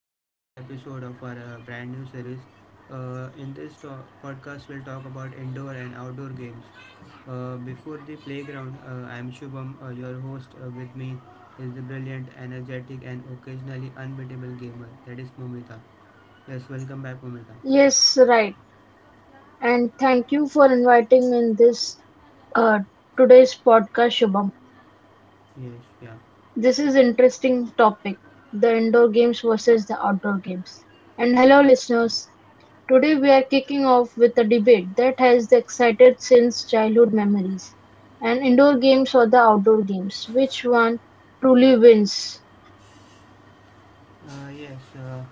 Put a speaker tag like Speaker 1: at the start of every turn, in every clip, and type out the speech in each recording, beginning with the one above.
Speaker 1: very first episode of our brand new series. In this podcast, we'll talk about indoor and outdoor games. Before the playground, I am Shubham, your host. With me is the brilliant, energetic, and occasionally unbeatable gamer. That is Mumita. Yes, welcome back, Mumita.
Speaker 2: Yes, right. And thank you for inviting me in this uh, today's podcast, Shubham.
Speaker 1: Yes, yeah.
Speaker 2: This is interesting topic, the indoor games versus the outdoor games. And hello, listeners. Today we are kicking off with a debate that has excited since childhood memories. And indoor games or the outdoor games, which one truly wins?
Speaker 1: Uh, yes, uh,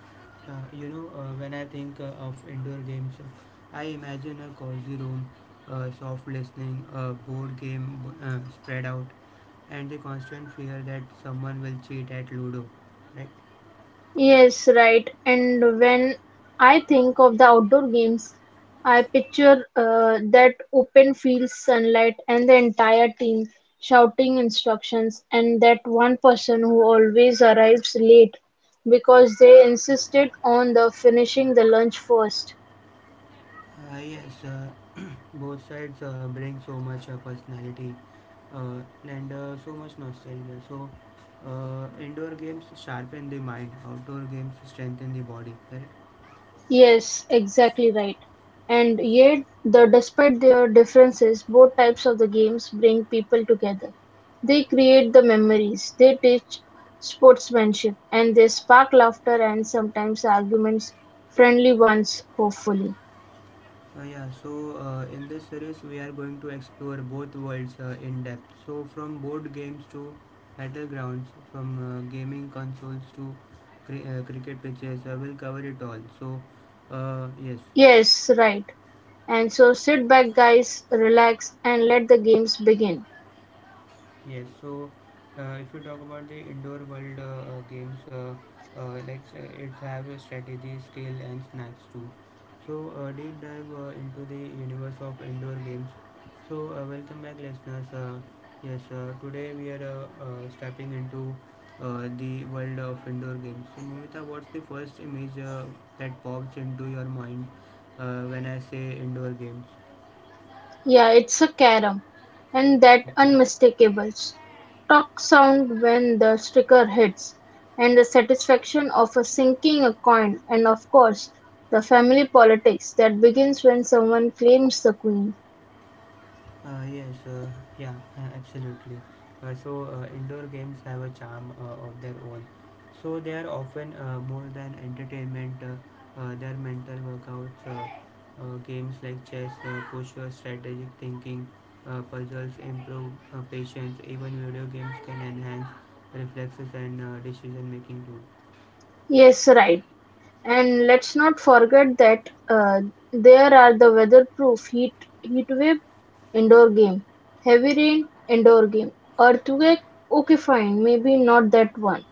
Speaker 1: when I think of indoor games, I imagine a cozy room, soft listening, a board game spread out, and the constant fear that someone will cheat at Ludo, right?
Speaker 2: Yes, right. And when I think of the outdoor games, I picture that open field sunlight and the entire team shouting instructions, and that one person who always arrives late because they insisted on the finishing the lunch first.
Speaker 1: Uh, yes, uh, both sides bring so much personality uh, and uh, so much nostalgia. So, indoor games sharpen the mind, outdoor games strengthen the body, right?
Speaker 2: Yes, exactly right. And yet, the despite their differences, both types of the games bring people together. They create the memories, they teach sportsmanship, and they spark laughter and sometimes arguments, friendly ones, hopefully.
Speaker 1: In this series, we are going to explore both worlds in depth. So, from board games to battlegrounds, from gaming consoles to cricket pitches, I will cover it all. Uh, yes,
Speaker 2: Yes, right. And so sit back, guys, relax, and let the games begin.
Speaker 1: Yes, so if you talk about the indoor world games, like it have a strategy, skill, and snacks too. So deep dive into the universe of indoor games. So welcome back, listeners. Yes, today we are stepping into the world of indoor games. So Mumita, what's the first image that pops into your mind when I say indoor games?
Speaker 2: Yeah, it's a carom, and that
Speaker 1: Mhm.
Speaker 2: unmistakable stock sound when the sticker hits, and the satisfaction of a sinking a coin, and of course, the family politics that begins when someone claims the queen.
Speaker 1: Uh, yes, uh, yeah, Absolutely. Indoor games have a charm of their own. So, they are often more than entertainment, they are mental workouts. Games like chess push your strategic thinking, puzzles improve patience, even video games can enhance reflexes and decision making too.
Speaker 2: Yes, right. And let's not forget that there are the weatherproof heat wave indoor game, heavy rain indoor game, earthquake. Okay, fine, maybe not that one.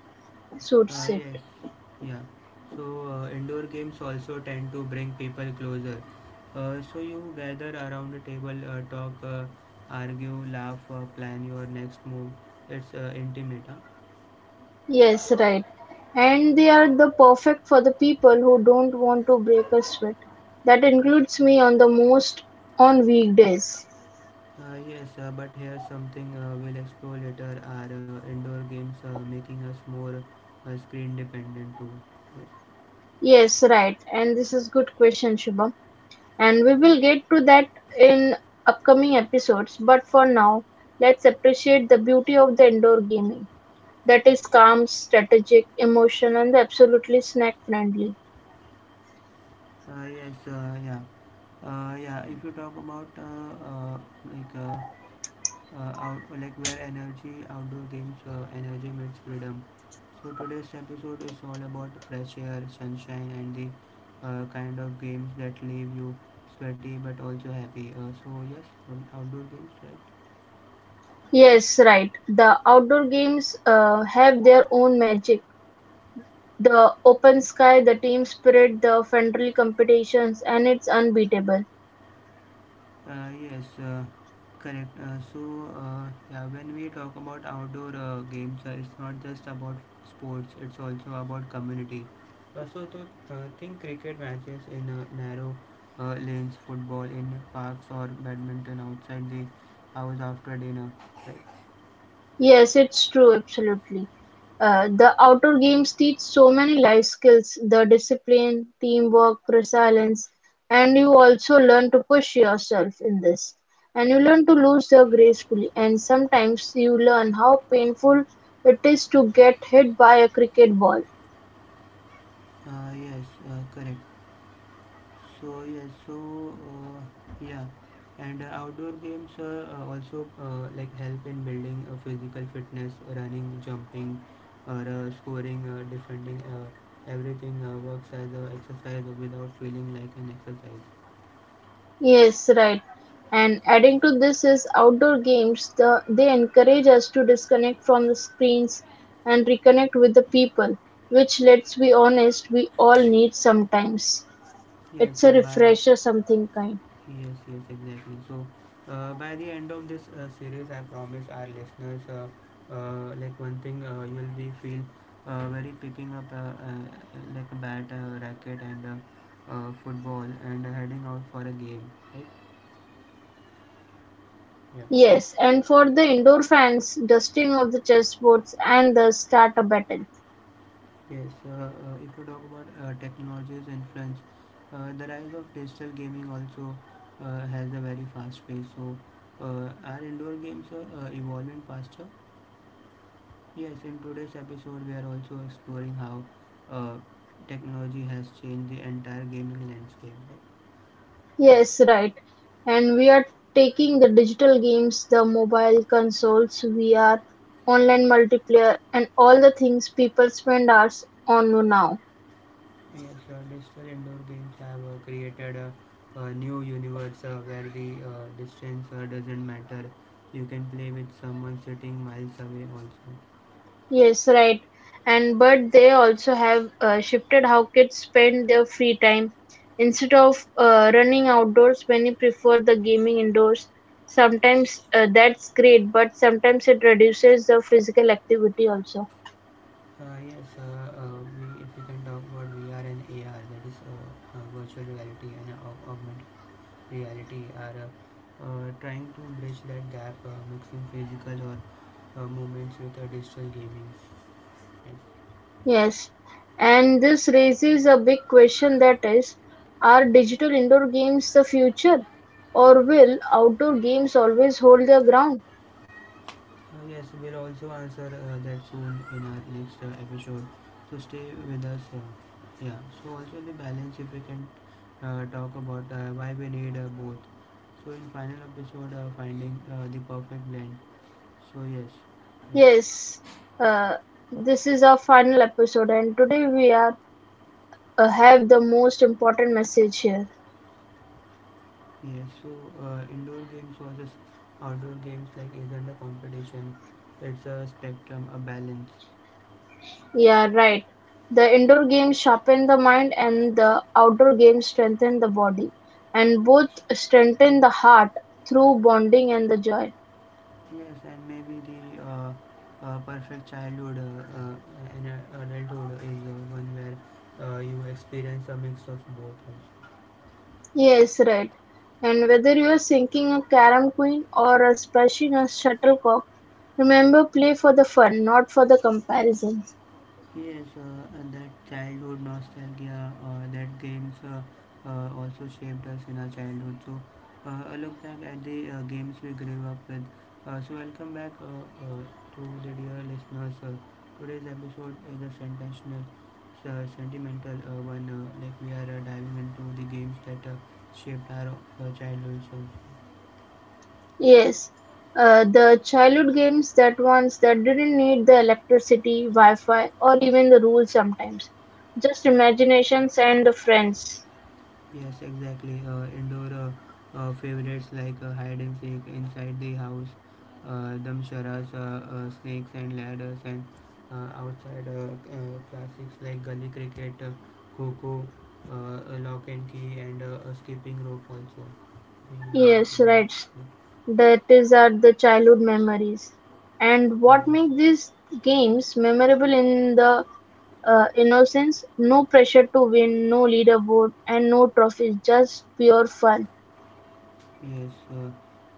Speaker 1: Uh,
Speaker 2: Suits it.
Speaker 1: yes, yeah. So indoor games also tend to bring people closer. So you gather around the table, talk, argue, laugh, plan your next move. It's intimate, huh?
Speaker 2: Yes, right. And they are the perfect for the people who don't want to break a sweat. That includes me on the most on weekdays.
Speaker 1: Yes, but here's something we'll explore later. Are indoor games making us more screen dependent too?
Speaker 2: Yes, right. And this is good question, Shubham. And we will get to that in upcoming episodes. But for now, let's appreciate the beauty of the indoor gaming. That is calm, strategic, emotional, and absolutely snack friendly.
Speaker 1: Uh, yes, uh, yeah. Yeah, if you talk about like out like where energy outdoor games, energy meets freedom, so today's episode is all about fresh air, sunshine, and the kind of games that leave you sweaty but also happy, so yes, outdoor games, right?
Speaker 2: Yes, right. The outdoor games have their own magic. The open sky, the team spirit, the friendly competitions, and it's unbeatable.
Speaker 1: Uh, yes, uh, Correct. When we talk about outdoor games, it's not just about sports, it's also about community. So, to think cricket matches in narrow lanes, football in parks, or badminton outside the hours after dinner.
Speaker 2: Yes, it's true, absolutely. The outdoor games teach so many life skills, the discipline, teamwork, resilience, and you also learn to push yourself in this. And you learn to lose there gracefully, and sometimes you learn how painful it is to get hit by a cricket ball.
Speaker 1: Uh, yes, Correct. So yes, so uh, yeah, and Outdoor games also help in building physical fitness, running, jumping, or scoring, defending. Everything works as a exercise without feeling like an exercise.
Speaker 2: Yes, right. And adding to this is outdoor games. The, they encourage us to disconnect from the screens and reconnect with the people, which, let's be honest, we all need sometimes.
Speaker 1: Yes,
Speaker 2: It's a
Speaker 1: bye.
Speaker 2: refresher, something kind.
Speaker 1: Yes, yes, exactly. So, by the end of this series, I promise our listeners, one thing, you will be feel very picking up a bat, racket, and football, and heading out for a game, right? Yeah.
Speaker 2: Yes, and for the indoor fans, dusting of the chessboards and the starter battle.
Speaker 1: Yes, if you talk about technology's influence, the rise of digital gaming also has a very fast pace. So, our indoor games are evolving faster. Yes, in today's episode, we are also exploring how uh, technology has changed the entire gaming landscape, right?
Speaker 2: Yes, right. And we are taking the digital games, the mobile consoles, VR, online multiplayer, and all the things people spend hours on now.
Speaker 1: Yes, digital indoor games have created a new universe where the distance doesn't matter. You can play with someone sitting miles away also.
Speaker 2: Yes, right. And but they also have shifted how kids spend their free time. Instead of running outdoors, many prefer the gaming indoors. Sometimes that's great, but sometimes it reduces the physical activity also.
Speaker 1: Yes, we if we can talk about VR and AR, that is virtual reality and aug- augmented reality, are trying to bridge that gap, mixing physical or moments with digital gaming. Yes.
Speaker 2: Yes, and this raises a big question, that is, are digital indoor games the future? Or will outdoor games always hold their ground?
Speaker 1: Yes, we'll also answer that soon in our next episode. So stay with us. Yeah. So also the balance, if we can talk about why we need both. So in final episode, finding the perfect blend. So yes, yeah.
Speaker 2: Yes, uh, this is our final episode, and today we are have the most important message here.
Speaker 1: Yes, so indoor games versus outdoor games like isn't a competition. It's a spectrum, a balance.
Speaker 2: Yeah, right. The indoor games sharpen the mind, and the outdoor games strengthen the body, and both strengthen the heart through bonding and the joy.
Speaker 1: Yes, and maybe the perfect childhood and adulthood is one where you experience a mix of both.
Speaker 2: Yes, right. And whether you are sinking a carom queen or a smashing a shuttlecock, remember play for the fun, not for the comparison.
Speaker 1: Yes, and that childhood nostalgia, that games also shaped us in our childhood. So, a look back at the games we grew up with. So, welcome back uh, to the dear listeners. Today's episode is a sensational, sentimental one. We are diving into the games that shaped our childhoods also.
Speaker 2: Yes, the childhood games, that ones that didn't need the electricity, Wi-Fi, or even the rules sometimes. Just imaginations and the friends.
Speaker 1: Yes, exactly. Indoor favorites like hide and seek inside the house, damsharas, snakes and ladders, and outside classics like gully cricket, coco, lock and key, and a skipping rope also.
Speaker 2: Yes, right.
Speaker 1: Uh,
Speaker 2: That is are the childhood memories. And what
Speaker 1: Yes,
Speaker 2: makes these games memorable in the innocence, no pressure to win, no leaderboard, and no trophies, just pure fun.
Speaker 1: yes,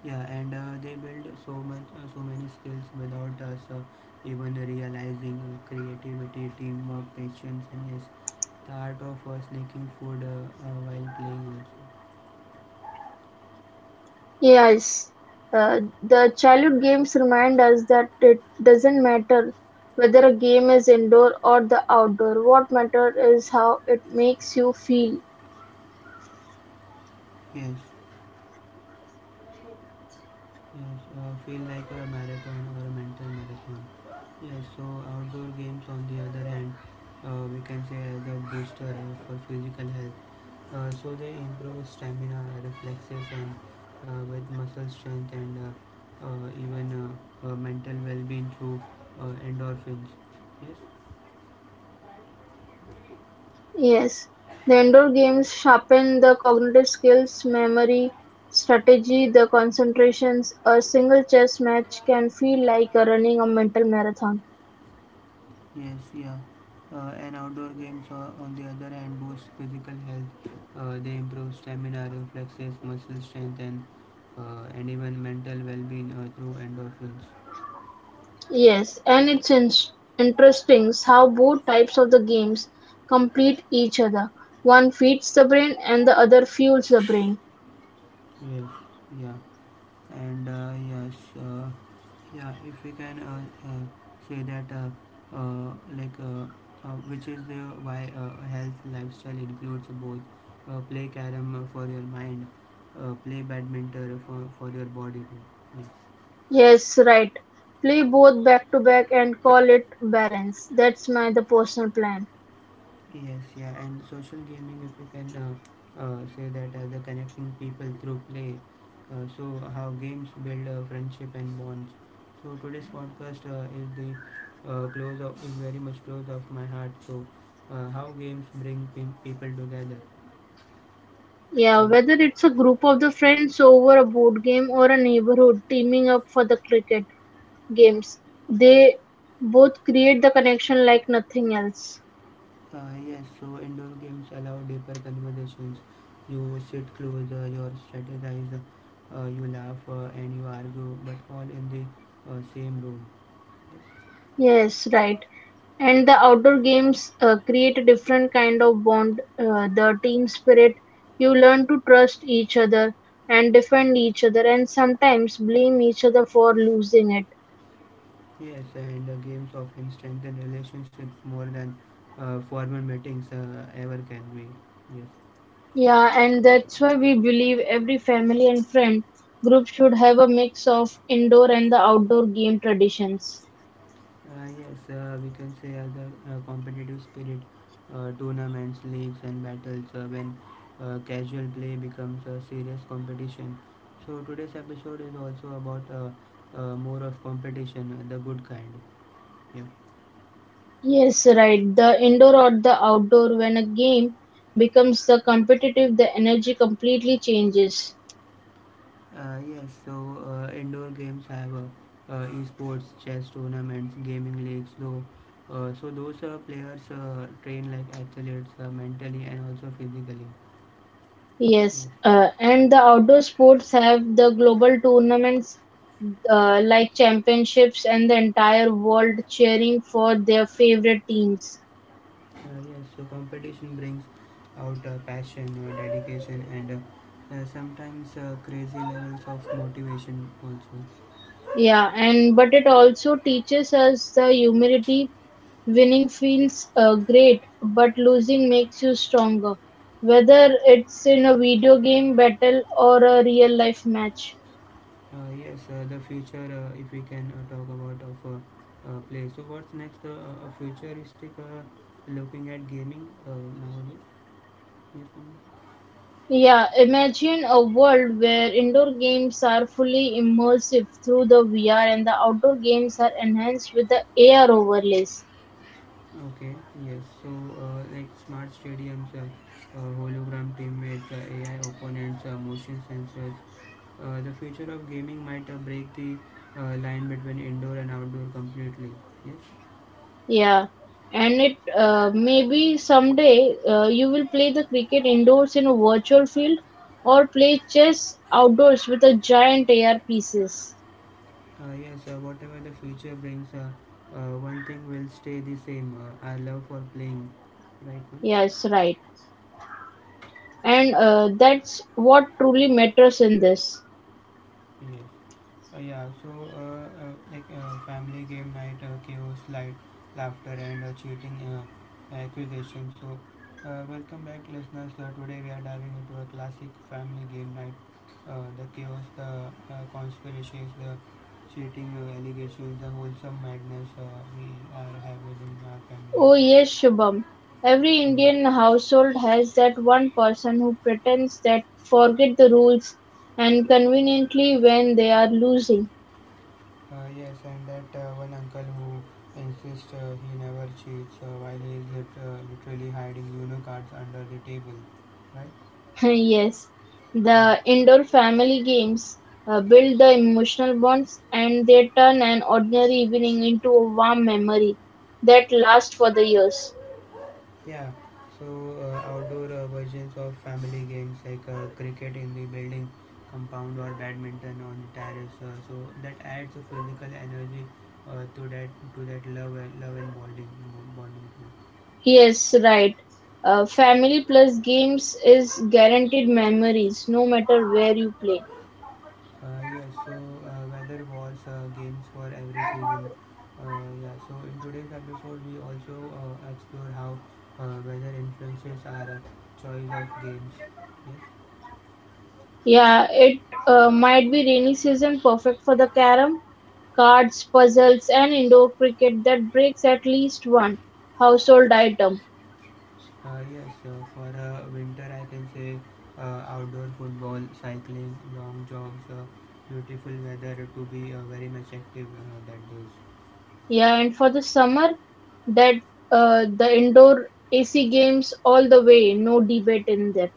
Speaker 1: yeah, and They build so much, so many skills without us even realizing, creativity, teamwork, patience, and yes, the art of sneaking food while playing also.
Speaker 2: Yes, the childhood games remind us that it doesn't matter whether a game is indoor or the outdoor. What matters is how it makes you feel.
Speaker 1: Yes. Yes, Feel like a marathon or a mental marathon. Yes, so outdoor games on the other hand, we can say as a booster for physical health. So they improve stamina, reflexes, and with muscle strength and even mental well-being through endorphins. Yes,
Speaker 2: Yes, the indoor games sharpen the cognitive skills, memory, strategy, the concentrations. A single chess match can feel like a running a mental marathon.
Speaker 1: Yes, yeah. And outdoor games, on the other hand, boost physical health. They improve stamina, reflexes, muscle strength, and and even mental well-being through endorphins.
Speaker 2: Yes, and it's interesting how both types of the games complete each other. One feeds the brain and the other fuels the brain.
Speaker 1: Yes, yeah. And uh, yes, uh, yeah. If we can uh, say that, like, which is the why a health lifestyle includes both, play carom for your mind, play badminton for your body too. Yeah.
Speaker 2: Yes, right. Play both back to back and call it balance. That's my the personal plan.
Speaker 1: Yes, yeah, and social gaming, if we can say that as a connecting people through play, so how games build friendship and bonds. So today's podcast is very much close of my heart. So how games bring people together.
Speaker 2: Yeah,
Speaker 1: Yes,
Speaker 2: whether it's a group of the friends over a board game or a neighborhood teaming up for the cricket games, they both create the connection like nothing else.
Speaker 1: yes. So indoor games allow deeper conversations. You sit closer, you strategize, you laugh, and you argue, but all in the same room.
Speaker 2: Yes, right. And the outdoor games create a different kind of bond, the team spirit. You learn to trust each other and defend each other and sometimes blame each other for losing it.
Speaker 1: Yes, and games often strengthen relationships more than formal meetings ever can be. Yes,
Speaker 2: Yeah, and that's why we believe every family and friend group should have a mix of indoor and the outdoor game traditions.
Speaker 1: yes, we can say other competitive spirit, tournaments, leagues, and battles when casual play becomes a serious competition. So today's episode is also about more of competition, the good kind. Yeah.
Speaker 2: Yes, right. The indoor or the outdoor, when a game becomes the competitive, the energy completely changes.
Speaker 1: Yes, so indoor games have esports, chess tournaments, gaming leagues, though. So those players train like athletes mentally and also physically.
Speaker 2: Yes,
Speaker 1: Yes.
Speaker 2: and the outdoor sports have the global tournaments like championships and the entire world cheering for their favorite teams.
Speaker 1: Yes, so competition brings out passion, dedication, and sometimes crazy levels of motivation also.
Speaker 2: Yeah, and but it also teaches us the humility. Winning feels great, but losing makes you stronger, whether it's in a video game battle or a real life match.
Speaker 1: Yes, the future, if we can talk about of play. So what's next? A futuristic looking at gaming nowadays. Mhm.
Speaker 2: Yeah, imagine a world where indoor games are fully immersive through the VR and the outdoor games are enhanced with the AR overlays.
Speaker 1: Okay, yes. So, smart stadiums, hologram teammates, AI opponents, motion sensors. The future of gaming might break the line between indoor and outdoor completely. Yes.
Speaker 2: Yeah, and it maybe someday you will play the cricket indoors in a virtual field or play chess outdoors with a giant AR pieces.
Speaker 1: Yes. Whatever the future brings, one thing will stay the same. Our love for playing, right, man?
Speaker 2: Yes, right. And that's what truly matters in this.
Speaker 1: Yes. Uh, yeah. So, Family game night, chaos, light, laughter, and cheating accusation. So, welcome back, listeners. Today we are diving into a classic family game night. The chaos, the conspiracies, the cheating allegations, the wholesome madness we are have within our family.
Speaker 2: Oh yes, Shubham. Every
Speaker 1: Yeah.
Speaker 2: Indian household has that one person who pretends that forget the rules and conveniently when they are losing.
Speaker 1: Yes, and that one uncle who insists he never cheats while he is literally hiding Uno cards under the table, right?
Speaker 2: Yes,
Speaker 1: Yeah.
Speaker 2: the indoor family games build the emotional bonds and they turn an ordinary evening into a warm memory that lasts for the years.
Speaker 1: Yeah. So outdoor versions of family games like cricket in the building compound or badminton on the terrace. So that adds a physical energy uh, to that to that love and bonding.
Speaker 2: Yes, right. Family plus games is guaranteed memories no matter where you play.
Speaker 1: Yes, so weather wars, games for every season. Yeah, so in today's episode, we also explore how weather influences our choice of games. Yes,
Speaker 2: Yeah, it might be rainy season perfect for the carom, cards, puzzles, and indoor cricket that breaks at least one household item.
Speaker 1: yes, for winter, I can say outdoor football, cycling, long jogs, beautiful weather to be very much active that days.
Speaker 2: Yeah, and for the summer, that the indoor AC games all the way, no debate in there.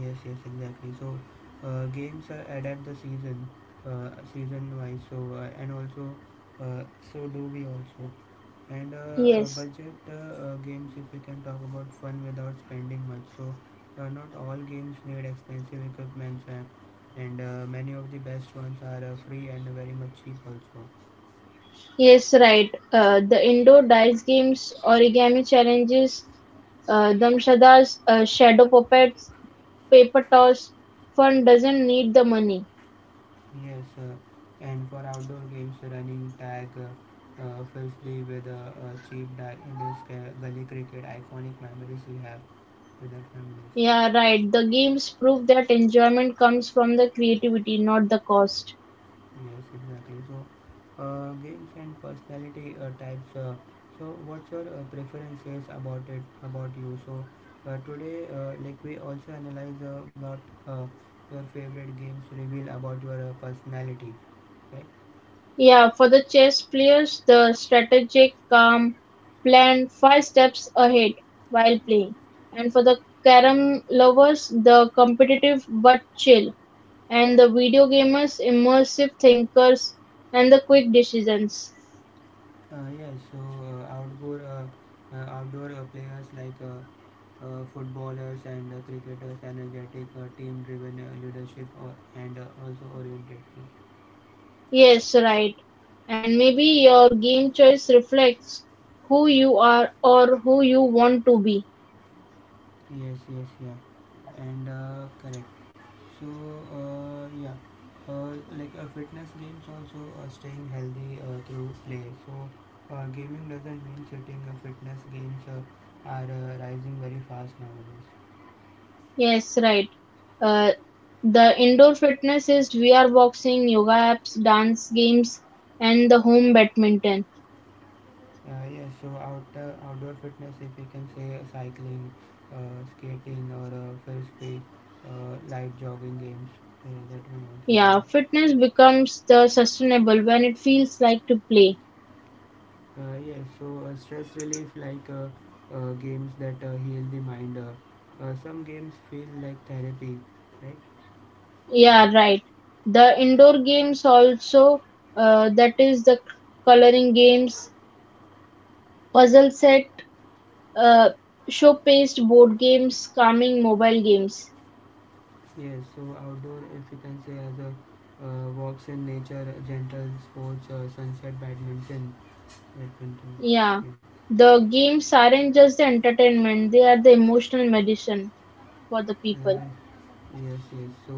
Speaker 1: Yes, yes, exactly. So games adapt the season, season wise. So and also, so do we also. And
Speaker 2: Yes,
Speaker 1: budget games, if we can talk about fun without spending much. So not all games need expensive equipment, and many of the best ones are free and very much cheap also.
Speaker 2: yes, right. The indoor dice games, origami challenges, Damshada's shadow puppets, paper toss, fun doesn't need the money.
Speaker 1: Yes, uh, and for outdoor games, running tag fills the with a cheap disc, gully cricket, iconic memories we have with our families.
Speaker 2: Yeah, right. The games prove that enjoyment comes from the creativity, not the cost.
Speaker 1: Yes, exactly. So, games and personality types. So, what's your preferences about it, about you? So, today, like we also analyze what uh, your favorite games reveal about your personality, right?
Speaker 2: Yeah, for the chess players, the strategic, calm, plan five steps ahead while playing. And for the carom lovers, the competitive but chill. And the video gamers, immersive thinkers, and the quick decisions.
Speaker 1: Uh, yeah, so uh, outdoor uh, Outdoor players like footballers and cricketers, energetic, team-driven leadership, or, and also oriented.
Speaker 2: Yes, right. And maybe your game choice reflects who you are or who you want to be.
Speaker 1: Yes, yes, yeah, and correct. So uh, yeah, like fitness gains also staying healthy through play. So gaming doesn't mean sitting. Fitness gains are rising very fast nowadays.
Speaker 2: Yes, right. Uh, the indoor fitness is VR boxing, yoga apps, dance games, and the home badminton.
Speaker 1: Outdoor outdoor fitness, if we can say cycling, skating, or frisbee, light jogging games, that one also
Speaker 2: Yeah,
Speaker 1: one.
Speaker 2: fitness becomes the sustainable when it feels like to play.
Speaker 1: Stress relief like games that heal the mind. Some games feel like therapy, right?
Speaker 2: Yeah, right. The indoor games also, that is the coloring games, puzzle set, uh, showcased board games, calming mobile games.
Speaker 1: Yes, so outdoor, if you can say as a walks in nature, gentle sports, sunset badminton, badminton.
Speaker 2: Yeah,
Speaker 1: Yeah.
Speaker 2: the games aren't just the entertainment, they are the emotional medicine for the people.
Speaker 1: Uh, yes, yes. So,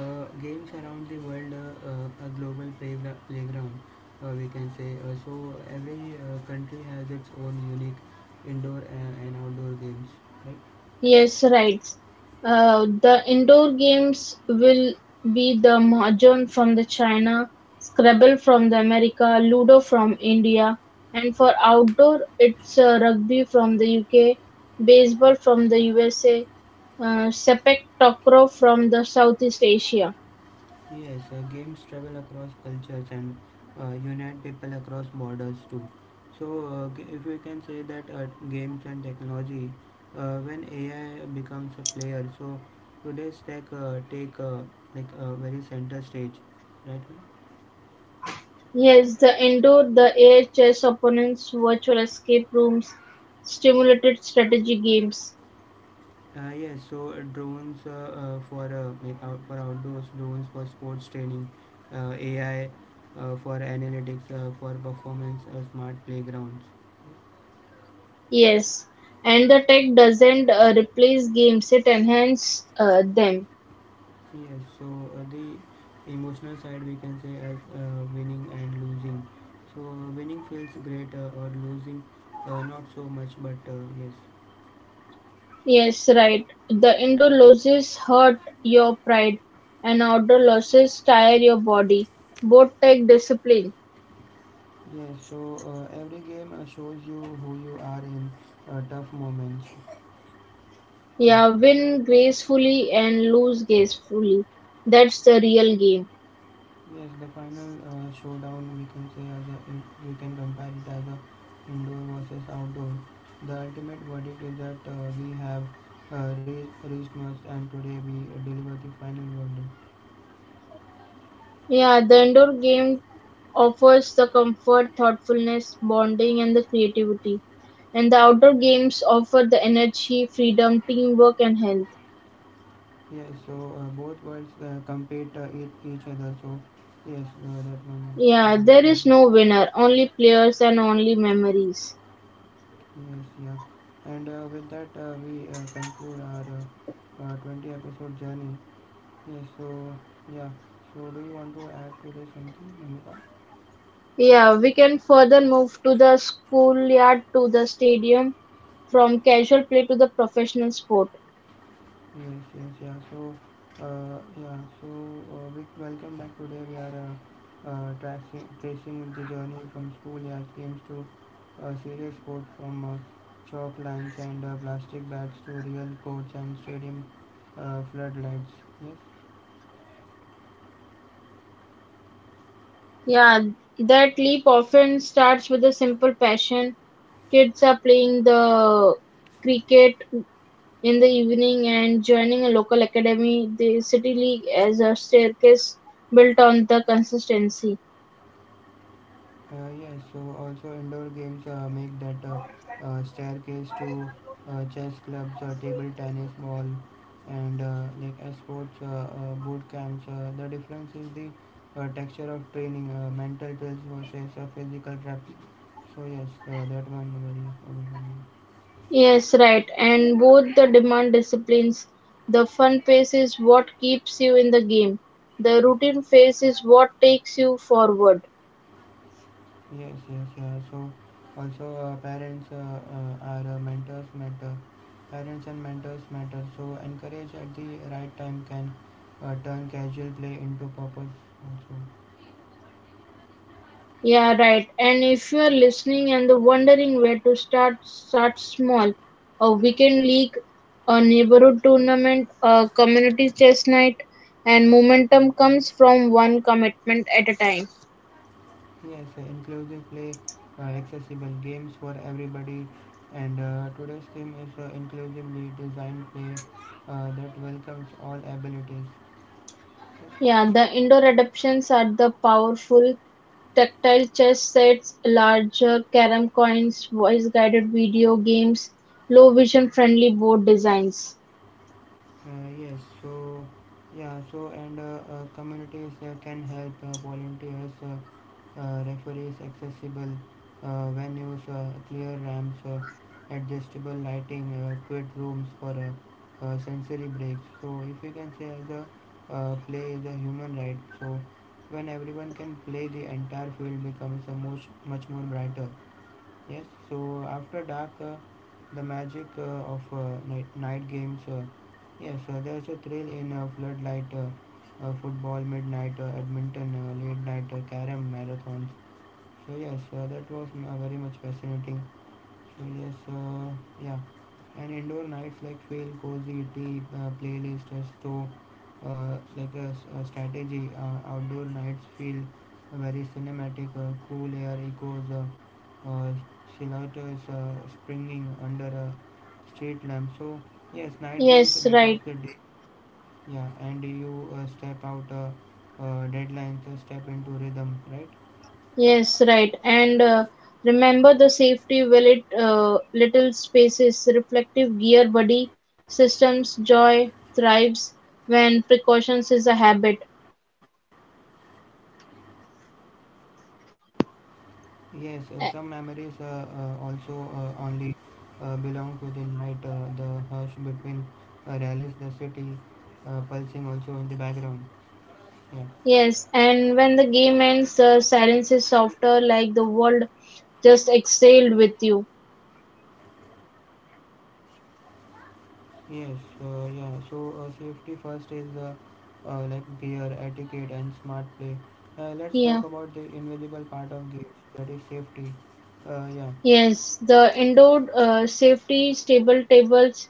Speaker 1: games around the world a global playground, we can say. So, every country has its own unique indoor and outdoor games, right?
Speaker 2: Yes, right. The indoor games will be the mahjong from the China, Scrabble from the America, Ludo from India, and for outdoor, it's rugby from the UK, baseball from the USA, sepak takraw from the Southeast Asia.
Speaker 1: Yes, games travel across cultures and unite people across borders too. So, if we can say that games and technology, when AI becomes a player, so today's tech take like a very center stage, right?
Speaker 2: Yes, the indoor, the air chess opponents, virtual escape rooms, stimulated strategy games.
Speaker 1: Drones for like for outdoors, drones for sports training, AI for analytics, for performance, smart playgrounds.
Speaker 2: Yes, and the tech doesn't replace games, it enhances them.
Speaker 1: Yes, so the emotional side we can say as winning and losing. So winning feels great, or losing not so much, but yes.
Speaker 2: Yes, right. The indoor losses hurt your pride, and outdoor losses tire your body. Both take discipline.
Speaker 1: Yes, so every game shows you who you are in tough moments.
Speaker 2: Yeah,
Speaker 1: Yeah.
Speaker 2: win gracefully and lose gracefully. That's the real game.
Speaker 1: Yes, the final showdown we can compare it as a indoor versus outdoor. The ultimate verdict is that we have reached most, and today we deliver the final verdict.
Speaker 2: Yeah, the indoor game offers the comfort, thoughtfulness, bonding, and the creativity. And the outdoor games offer the energy, freedom, teamwork, and health.
Speaker 1: Yes, so both worlds compete each other. So yes, that one.
Speaker 2: Yeah, there is no winner, only players and only memories.
Speaker 1: Yes, yeah, and with that we conclude our 20 episode journey. Yes, so yeah, so do you want to add to this something, Amika?
Speaker 2: Yeah, we can further move to the schoolyard to the stadium from casual play to the professional sport.
Speaker 1: Yes, yes, yeah. So, yeah. So, we welcome back. Today we are tracing the journey from schoolyard games to serious sport, from chalk lines and plastic bats to real courts and stadium floodlights. Yes.
Speaker 2: Yeah, that leap often starts with a simple passion. Kids are playing the cricket in the evening and joining a local academy, the city league, as a staircase built on the consistency.
Speaker 1: Also indoor games make that staircase to chess clubs, table tennis ball, and like sports boot camps. The difference is the texture of training, mental drills versus physical reps. So yes, that one very.
Speaker 2: Yes, right. And both the demand disciplines. The fun phase is what keeps you in the game. The routine phase is what takes you forward.
Speaker 1: Yes, yes, yeah. So, also parents are mentors matter. Parents and mentors matter. So, encourage at the right time can turn casual play into purpose.
Speaker 2: Yeah, right. And if you are listening and wondering where to start, start small. A weekend league, a neighborhood tournament, a community chess night, and momentum comes from one commitment at a time.
Speaker 1: Yes, inclusive play, accessible games for everybody. And today's theme is inclusively designed play that welcomes all abilities.
Speaker 2: Yeah,
Speaker 1: Uh,
Speaker 2: the indoor adaptations are the powerful tactile chess sets, larger carom coins, voice-guided video games, low vision-friendly board designs.
Speaker 1: yes, so yeah, so and Communities can help volunteers. Referees accessible, venues, clear ramps, adjustable lighting, quiet rooms for sensory breaks. So if you can say the play is a human right, so when everyone can play, the entire field becomes a much more brighter. Yes. So after dark, the magic of night games. Yes, there's a thrill in floodlight. Football midnight, badminton, late night, carom marathons, so yes, that was very much fascinating. So yes, yeah, and indoor nights like feel cozy, tea, playlist, or store, a strategy. Outdoor nights feel very cinematic. Cool air echoes, silhouettes springing under a street lamp. So yes, night
Speaker 2: Yes,
Speaker 1: games
Speaker 2: right.
Speaker 1: detox the day. Yeah, and you step out deadlines, step into rhythm, right?
Speaker 2: Yes, right. And remember the safety will little spaces, reflective gear body systems, joy thrives when precautions is a habit.
Speaker 1: Yes, some memories
Speaker 2: A-
Speaker 1: also only belong to the night, the hush between rallies, the city pulsing also in the background. Yeah.
Speaker 2: Yes, and when the game ends, the silence is softer, like the world just excelled with you.
Speaker 1: Yes, yeah. So safety first is like gear, etiquette, and smart play. Let's talk
Speaker 2: Yeah.
Speaker 1: about the invisible part of games, that is safety. Yeah.
Speaker 2: Yes, the indoor safety, stable tables,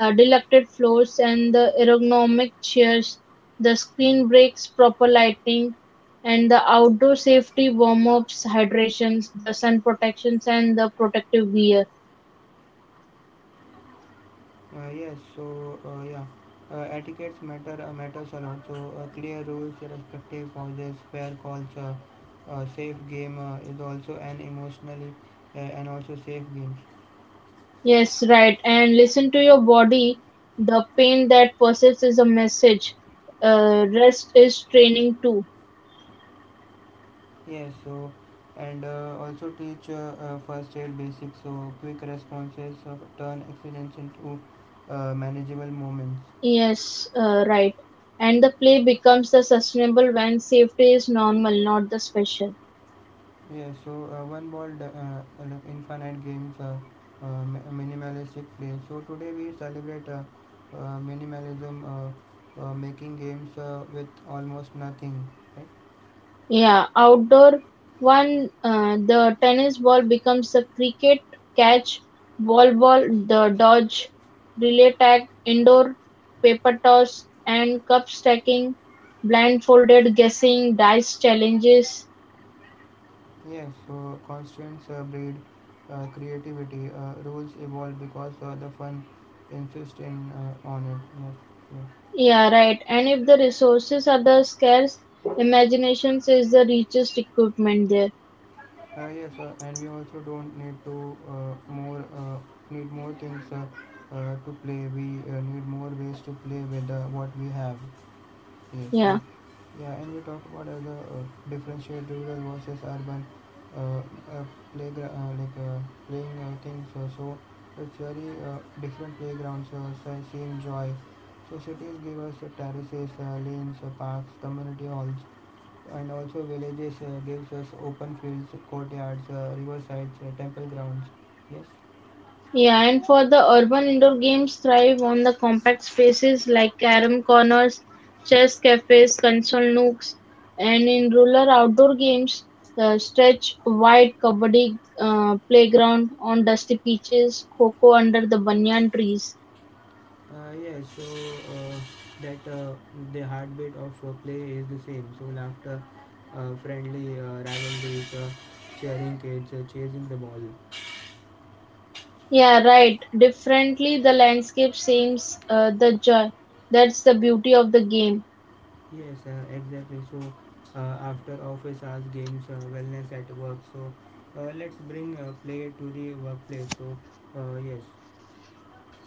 Speaker 2: delucted floors, and the ergonomic chairs, the screen breaks, proper lighting, and the outdoor safety warm ups, hydrations, the sun protections, and the protective gear.
Speaker 1: Yes, so yeah, etiquettes matter matters a lot. So clear rules, respective pauses, fair calls, safe game is also an emotionally and also safe games.
Speaker 2: Yes, right. And listen to your body. The pain that persists is a message. Rest is training too.
Speaker 1: Yes, so and also teach first aid basics. So quick responses turn accidents into manageable moments.
Speaker 2: Yes, right. And the play becomes the sustainable when safety is normal, not the special.
Speaker 1: Yeah, so like infinite games, minimalistic play. So today we celebrate minimalism, making games with almost nothing. Right?
Speaker 2: Yeah, outdoor one, the tennis ball becomes the cricket catch, ball, the dodge, relay tag, indoor paper toss, and cup stacking, blindfolded guessing, dice challenges.
Speaker 1: Yes, so constraints breed creativity. Rules evolve because the fun insists in on it. Yes, yes.
Speaker 2: Yeah, right. And if the resources are the scarce, imaginations is the richest equipment there.
Speaker 1: Yes, and we also don't need to more need more things to play. We need more ways to play with what we have. Yes,
Speaker 2: Yeah.
Speaker 1: so yeah, and we talk about as a differentiate rural versus urban uh, uh, playground, like playing things. It's very different playgrounds. So same joy. So cities give us terraces, lanes, parks, community halls, and also villages gives us open fields, courtyards, riversides, temple grounds. Yes.
Speaker 2: Yeah, and for the urban indoor games thrive on the compact spaces like carom corners, chess cafes, console nooks, and in rural outdoor games, stretch wide kabaddi playground on dusty pitches, cocoa under the banyan trees.
Speaker 1: Yeah, so uh, that The heartbeat of play is the same. So laughter, friendly rivalries, cheering kids, chasing the ball.
Speaker 2: Yeah, right. Differently, the landscape seems the joy. That's the beauty of the game.
Speaker 1: Yes, exactly. So after office hours, games, wellness at work. So let's bring play to the workplace. So yes.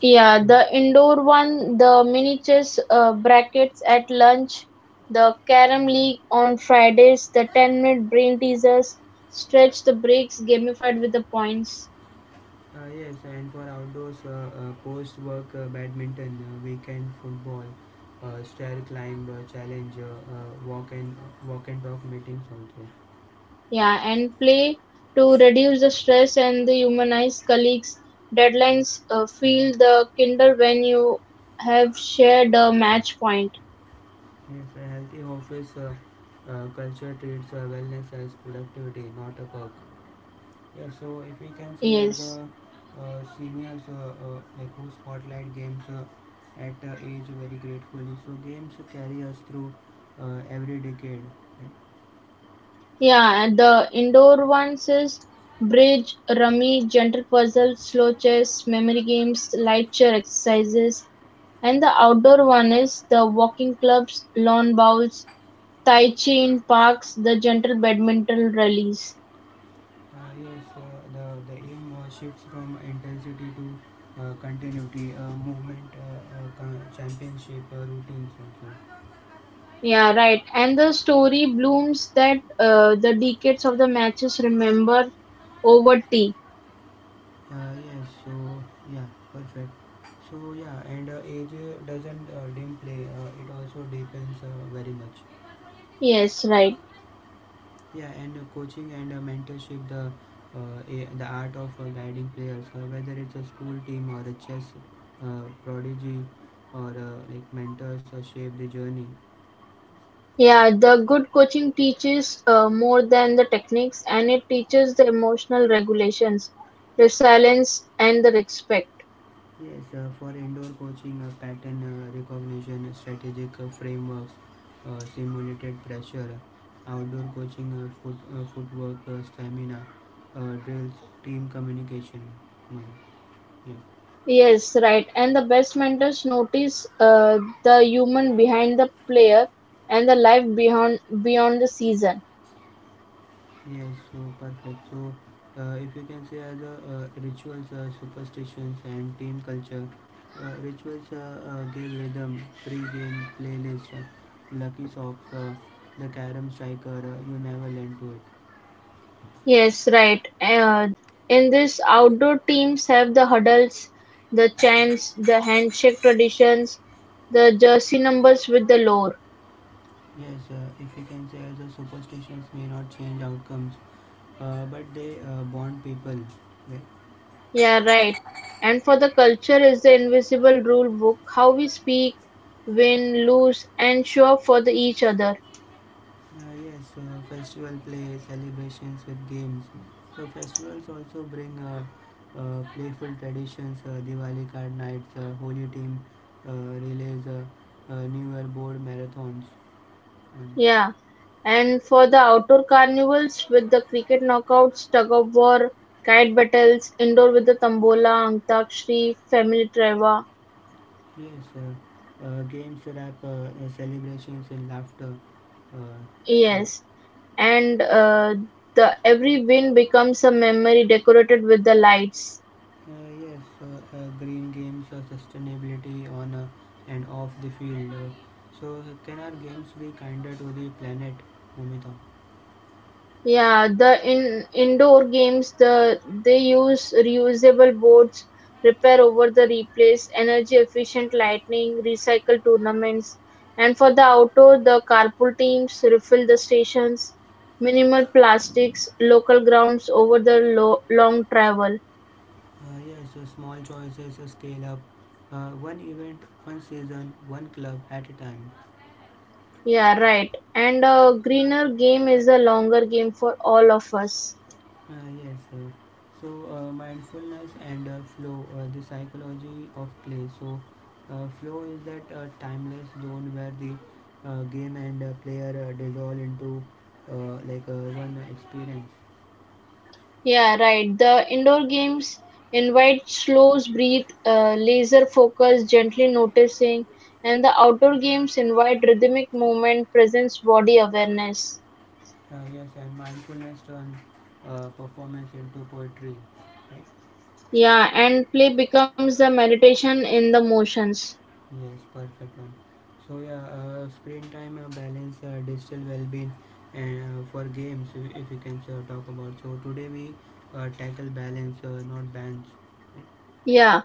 Speaker 2: Yeah, the indoor one, the mini chess brackets at lunch, the carom league on Fridays, the 10-minute brain teasers, stretch the breaks gamified with the points.
Speaker 1: Yes, and for outdoors, post work badminton, weekend football, stair climb challenge, walk and talk meetings also.
Speaker 2: Yeah, and play to reduce the stress and the humanize colleagues. Deadlines feel the kinder when you have shared a match point.
Speaker 1: Yes, a healthy office culture treats wellness as productivity, not a perk. Yes, so if we can say as
Speaker 2: Yes.
Speaker 1: a seniors like who spotlight games at age very gratefully. So games carry us through every decade.
Speaker 2: Yeah, and the indoor ones is bridge, rummy, gentle puzzle, slow chess, memory games, light chair exercises. And the outdoor one is the walking clubs, lawn bowls, tai chi in parks, the gentle badminton rallies.
Speaker 1: Yes, the, the aim shifts from intensity to continuity, movement, championship routines also.
Speaker 2: Yeah, right. And the story blooms that the decades of the matches remember over tea.
Speaker 1: Yes, so yeah, perfect. So yeah, and age doesn't dim play, it also depends very much.
Speaker 2: Yes, right.
Speaker 1: Yeah, and coaching and mentorship, the art of guiding players, whether it's a school team or a chess prodigy or like mentors shape the journey.
Speaker 2: Yeah, the good coaching teaches more than the techniques and it teaches the emotional regulations, the silence, and the respect.
Speaker 1: Yes, for indoor coaching, pattern recognition, strategic frameworks, simulated pressure, outdoor coaching, footwork, stamina, drills, team communication. Mm, yeah.
Speaker 2: Yes, right. And the best mentors notice the human behind the player and the life beyond the season.
Speaker 1: Yes, so perfect. So, if you can say as a rituals, superstitions, and team culture, rituals give rhythm, pre-game playlist, lucky socks, the carom striker, you never learn to it.
Speaker 2: Yes, right. In this, outdoor teams have the huddles, the chants, the handshake traditions, the jersey numbers with the lore.
Speaker 1: Yes, if we can say the superstitions may not change outcomes, but they bond people. Right?
Speaker 2: Yeah, right. And for the culture is the invisible rule book, how we speak, win, lose, and show up for the each other.
Speaker 1: Yes, festival play, celebrations with games. So festivals also bring playful traditions, Diwali card nights, holy team relays, New Year board marathons. And
Speaker 2: Yeah. And for the outdoor carnivals with the cricket knockouts, tug of war, kite battles, indoor with the tambola, antakshri, family treva.
Speaker 1: yes, games wrap celebrations in laughter. Uh, yes.
Speaker 2: Yes. And the every win becomes a memory decorated with the lights.
Speaker 1: Uh, yes, Green games or sustainability on and off the field. So, can our games be kinder to the planet, Mumita?
Speaker 2: Yeah, the in indoor games they use reusable boards, repair over the replace, energy efficient lighting, recycle tournaments, and for the outdoor the carpool teams refill the stations, minimal plastics, local grounds over the long travel.
Speaker 1: Yes, small choices scale up. One event, one season, one club at a time.
Speaker 2: Yeah, right. And a greener game is a longer game for all of us.
Speaker 1: Yes, so mindfulness and flow, the psychology of play. So, flow is that timeless zone where the game and player dissolve into like one experience.
Speaker 2: Yeah, right. The indoor games invite slow breath, laser focus, gently noticing, and the outdoor games invite rhythmic movement, presence, body awareness.
Speaker 1: Yes, and mindfulness turns performance into poetry, right?
Speaker 2: Yeah, and play becomes the meditation in the motions.
Speaker 1: Yes, perfect one. So yeah, screen time balance, digital well-being, and for games, if we can talk about. So today we tackle balance, not bans.
Speaker 2: Yeah,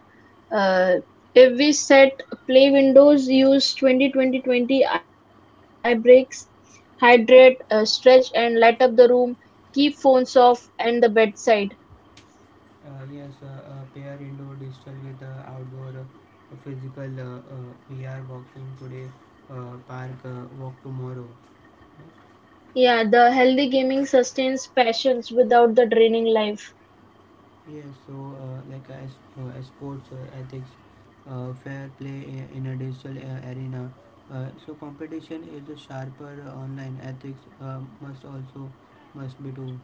Speaker 2: uh, if we set play windows, use 20, 20, 20 eye breaks, hydrate, stretch, and light up the room, keep phones off and the bedside.
Speaker 1: Yes, pair indoor digital with outdoor physical VR boxing today, park walk tomorrow. Yes.
Speaker 2: Yeah, the healthy gaming sustains passions without the draining life.
Speaker 1: Yes, so uh, like uh, as, as sports ethics, fair play in a digital arena. So competition is a sharper online ethics must also must be too,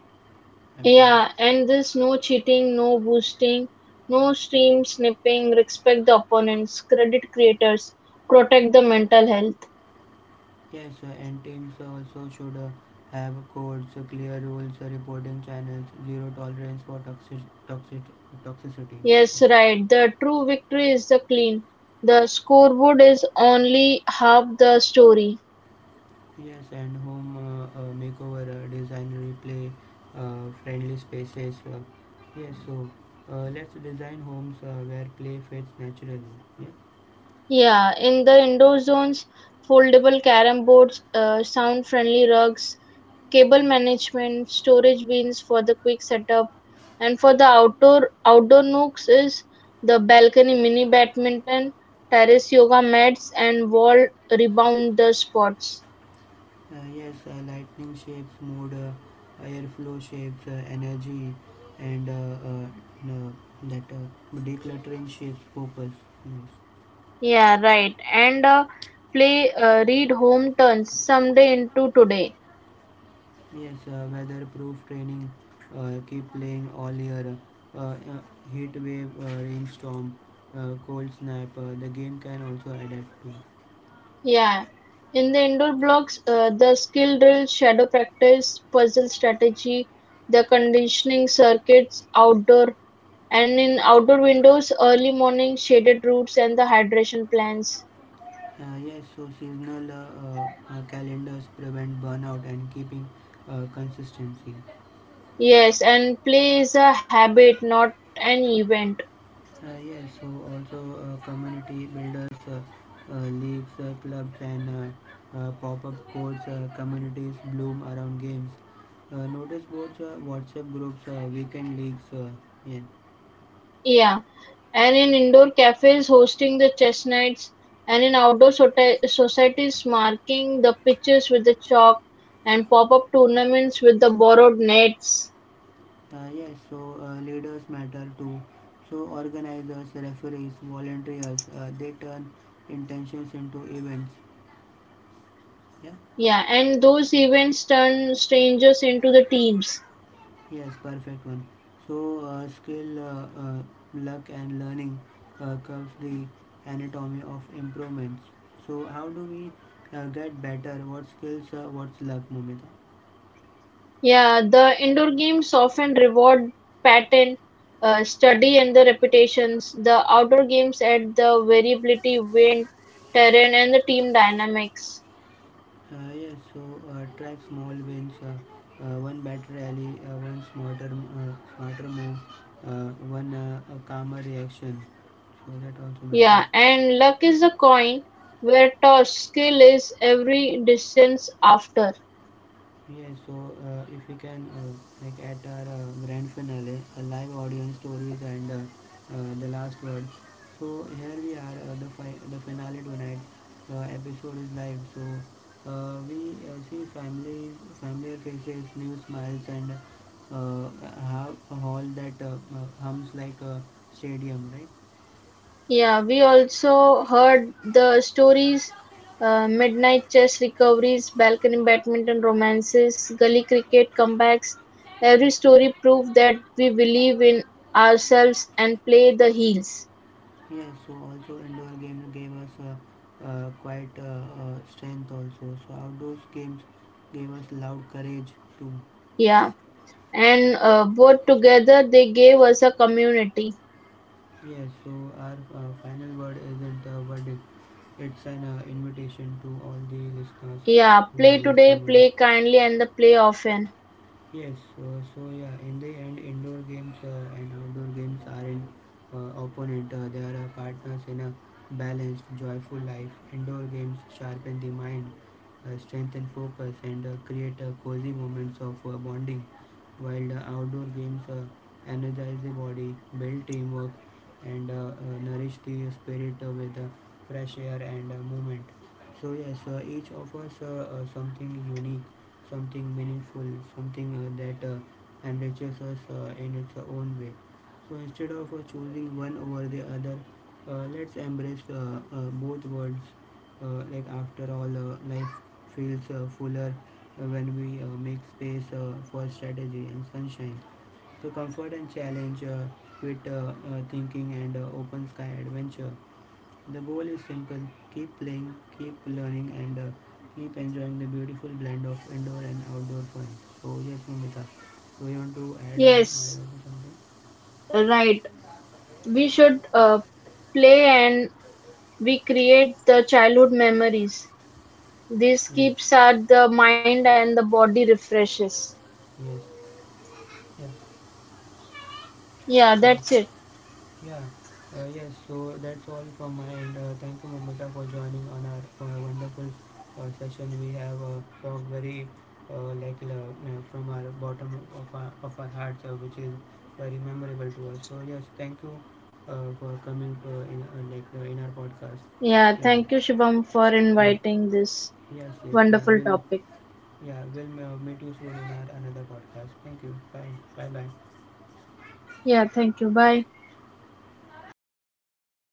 Speaker 1: have to be.
Speaker 2: Yeah, and there's no cheating, no boosting, no stream snipping, respect the opponents, credit creators, protect the mental health.
Speaker 1: Yes, and teams also should have codes, clear rules, reporting channels, zero tolerance for toxic toxicity.
Speaker 2: Yes, right. The true victory is the clean. The scoreboard is only half the story.
Speaker 1: Yes, and home makeover, design replay, friendly spaces. Yes, so let's design homes where play fits naturally. Yeah.
Speaker 2: Yeah, in the indoor zones, foldable carom boards, sound friendly rugs, cable management, storage bins for the quick setup, and for the outdoor nooks is the balcony mini badminton, terrace yoga mats, and wall rebounder spots.
Speaker 1: Yes, lightning shapes, mood, airflow shapes, energy, and n- that decluttering shapes focus. Yes.
Speaker 2: Yeah, right. And play read home turns someday into today.
Speaker 1: Yes, weatherproof training. Keep playing all year. Uh, uh, Heat wave, rainstorm, cold snap. The game can also adapt to.
Speaker 2: Yeah. In the indoor blocks, the skill drill, shadow practice, puzzle strategy, the conditioning circuits, outdoor. And in outdoor windows, early morning shaded routes and the hydration plans.
Speaker 1: Yes, so seasonal uh, calendars prevent burnout and keeping consistency.
Speaker 2: Yes, and play is a habit, not an event.
Speaker 1: Yes, so also community builders, leagues, clubs, and pop-up courts, communities bloom around games. Notice boards, WhatsApp groups, weekend leagues. Uh, yeah.
Speaker 2: Yeah, and in indoor cafes, hosting the chess nights, and in outdoor societies, marking the pitches with the chalk and pop up tournaments with the borrowed nets.
Speaker 1: Uh, Yes, so leaders matter too. So organizers, referees, volunteers, they turn intentions into events. Yeah.
Speaker 2: Yeah, and those events turn strangers into the teams.
Speaker 1: Yes, perfect one. So, skill, luck, and learning comes the anatomy of improvements. So, how do we get better? What skills? What's luck, Mumita?
Speaker 2: Yeah, the indoor games often reward pattern study and the reputations. The outdoor games add the variability, wind, terrain, and the team dynamics.
Speaker 1: Yes. So, track small wins. One better rally. One smarter move. One a calmer reaction. So that also
Speaker 2: Yeah,
Speaker 1: matters.
Speaker 2: and luck is a coin where tossed skill is every distance after.
Speaker 1: Yeah, so if we can like at our grand finale, a live audience stories and the last word. So here we are, the the finale tonight. Episode is live, so we see families, familiar faces, new smiles, and uh, have a hall that hums like a stadium, right?
Speaker 2: Yeah, we also heard the stories midnight chess recoveries, balcony badminton romances, gully cricket comebacks. Every story proved that we believe in ourselves and play the heels.
Speaker 1: Yes, so also indoor games gave us quite strength also. So outdoors games gave us loud courage too.
Speaker 2: Yeah, and both together they gave us a community.
Speaker 1: Yes, so our final word isn't a verdict. It's an invitation to all the listeners
Speaker 2: Yeah,
Speaker 1: who are
Speaker 2: play today,
Speaker 1: listening in.
Speaker 2: play kindly, and the play often.
Speaker 1: Yes, so, so yeah, in the end, indoor games and outdoor games are in opponent. They are partners in a balanced, joyful life. Indoor games sharpen the mind, strengthen focus, and create cozy moments of bonding, while the outdoor games energize the body, build teamwork, and nourish the spirit with fresh air and movement. So yes, each offers something unique, something meaningful, something that enriches us in its own way. So instead of choosing one over the other, let's embrace both worlds. Like after all, life feels fuller when we make space for strategy and sunshine. So comfort and challenge, quit thinking and open sky adventure. The goal is simple: keep playing, keep learning, and keep enjoying the beautiful blend of indoor and outdoor fun. So, yes, Mamita, do you want to add, uh,
Speaker 2: Yes,
Speaker 1: add something?
Speaker 2: right. We should play and we create the childhood memories. This
Speaker 1: Yes,
Speaker 2: keeps at the mind and the body refreshes.
Speaker 1: yes, yeah.
Speaker 2: Yeah,
Speaker 1: So,
Speaker 2: that's it.
Speaker 1: yeah, yes, so that's all from my end. Thank you, Mamita, for joining on our wonderful session. We have talked very, uh, like, from our bottom of our hearts, which is very memorable to us. So, yes, thank you for coming to, in our podcast.
Speaker 2: Yeah,
Speaker 1: Yeah,
Speaker 2: thank you, Shubham, for
Speaker 1: yeah,
Speaker 2: inviting this
Speaker 1: yes, yes, yeah.
Speaker 2: wonderful
Speaker 1: We'll,
Speaker 2: topic.
Speaker 1: yeah, we'll meet you soon in our another podcast. Thank you. Bye. Bye bye.
Speaker 2: Yeah, thank you. Bye.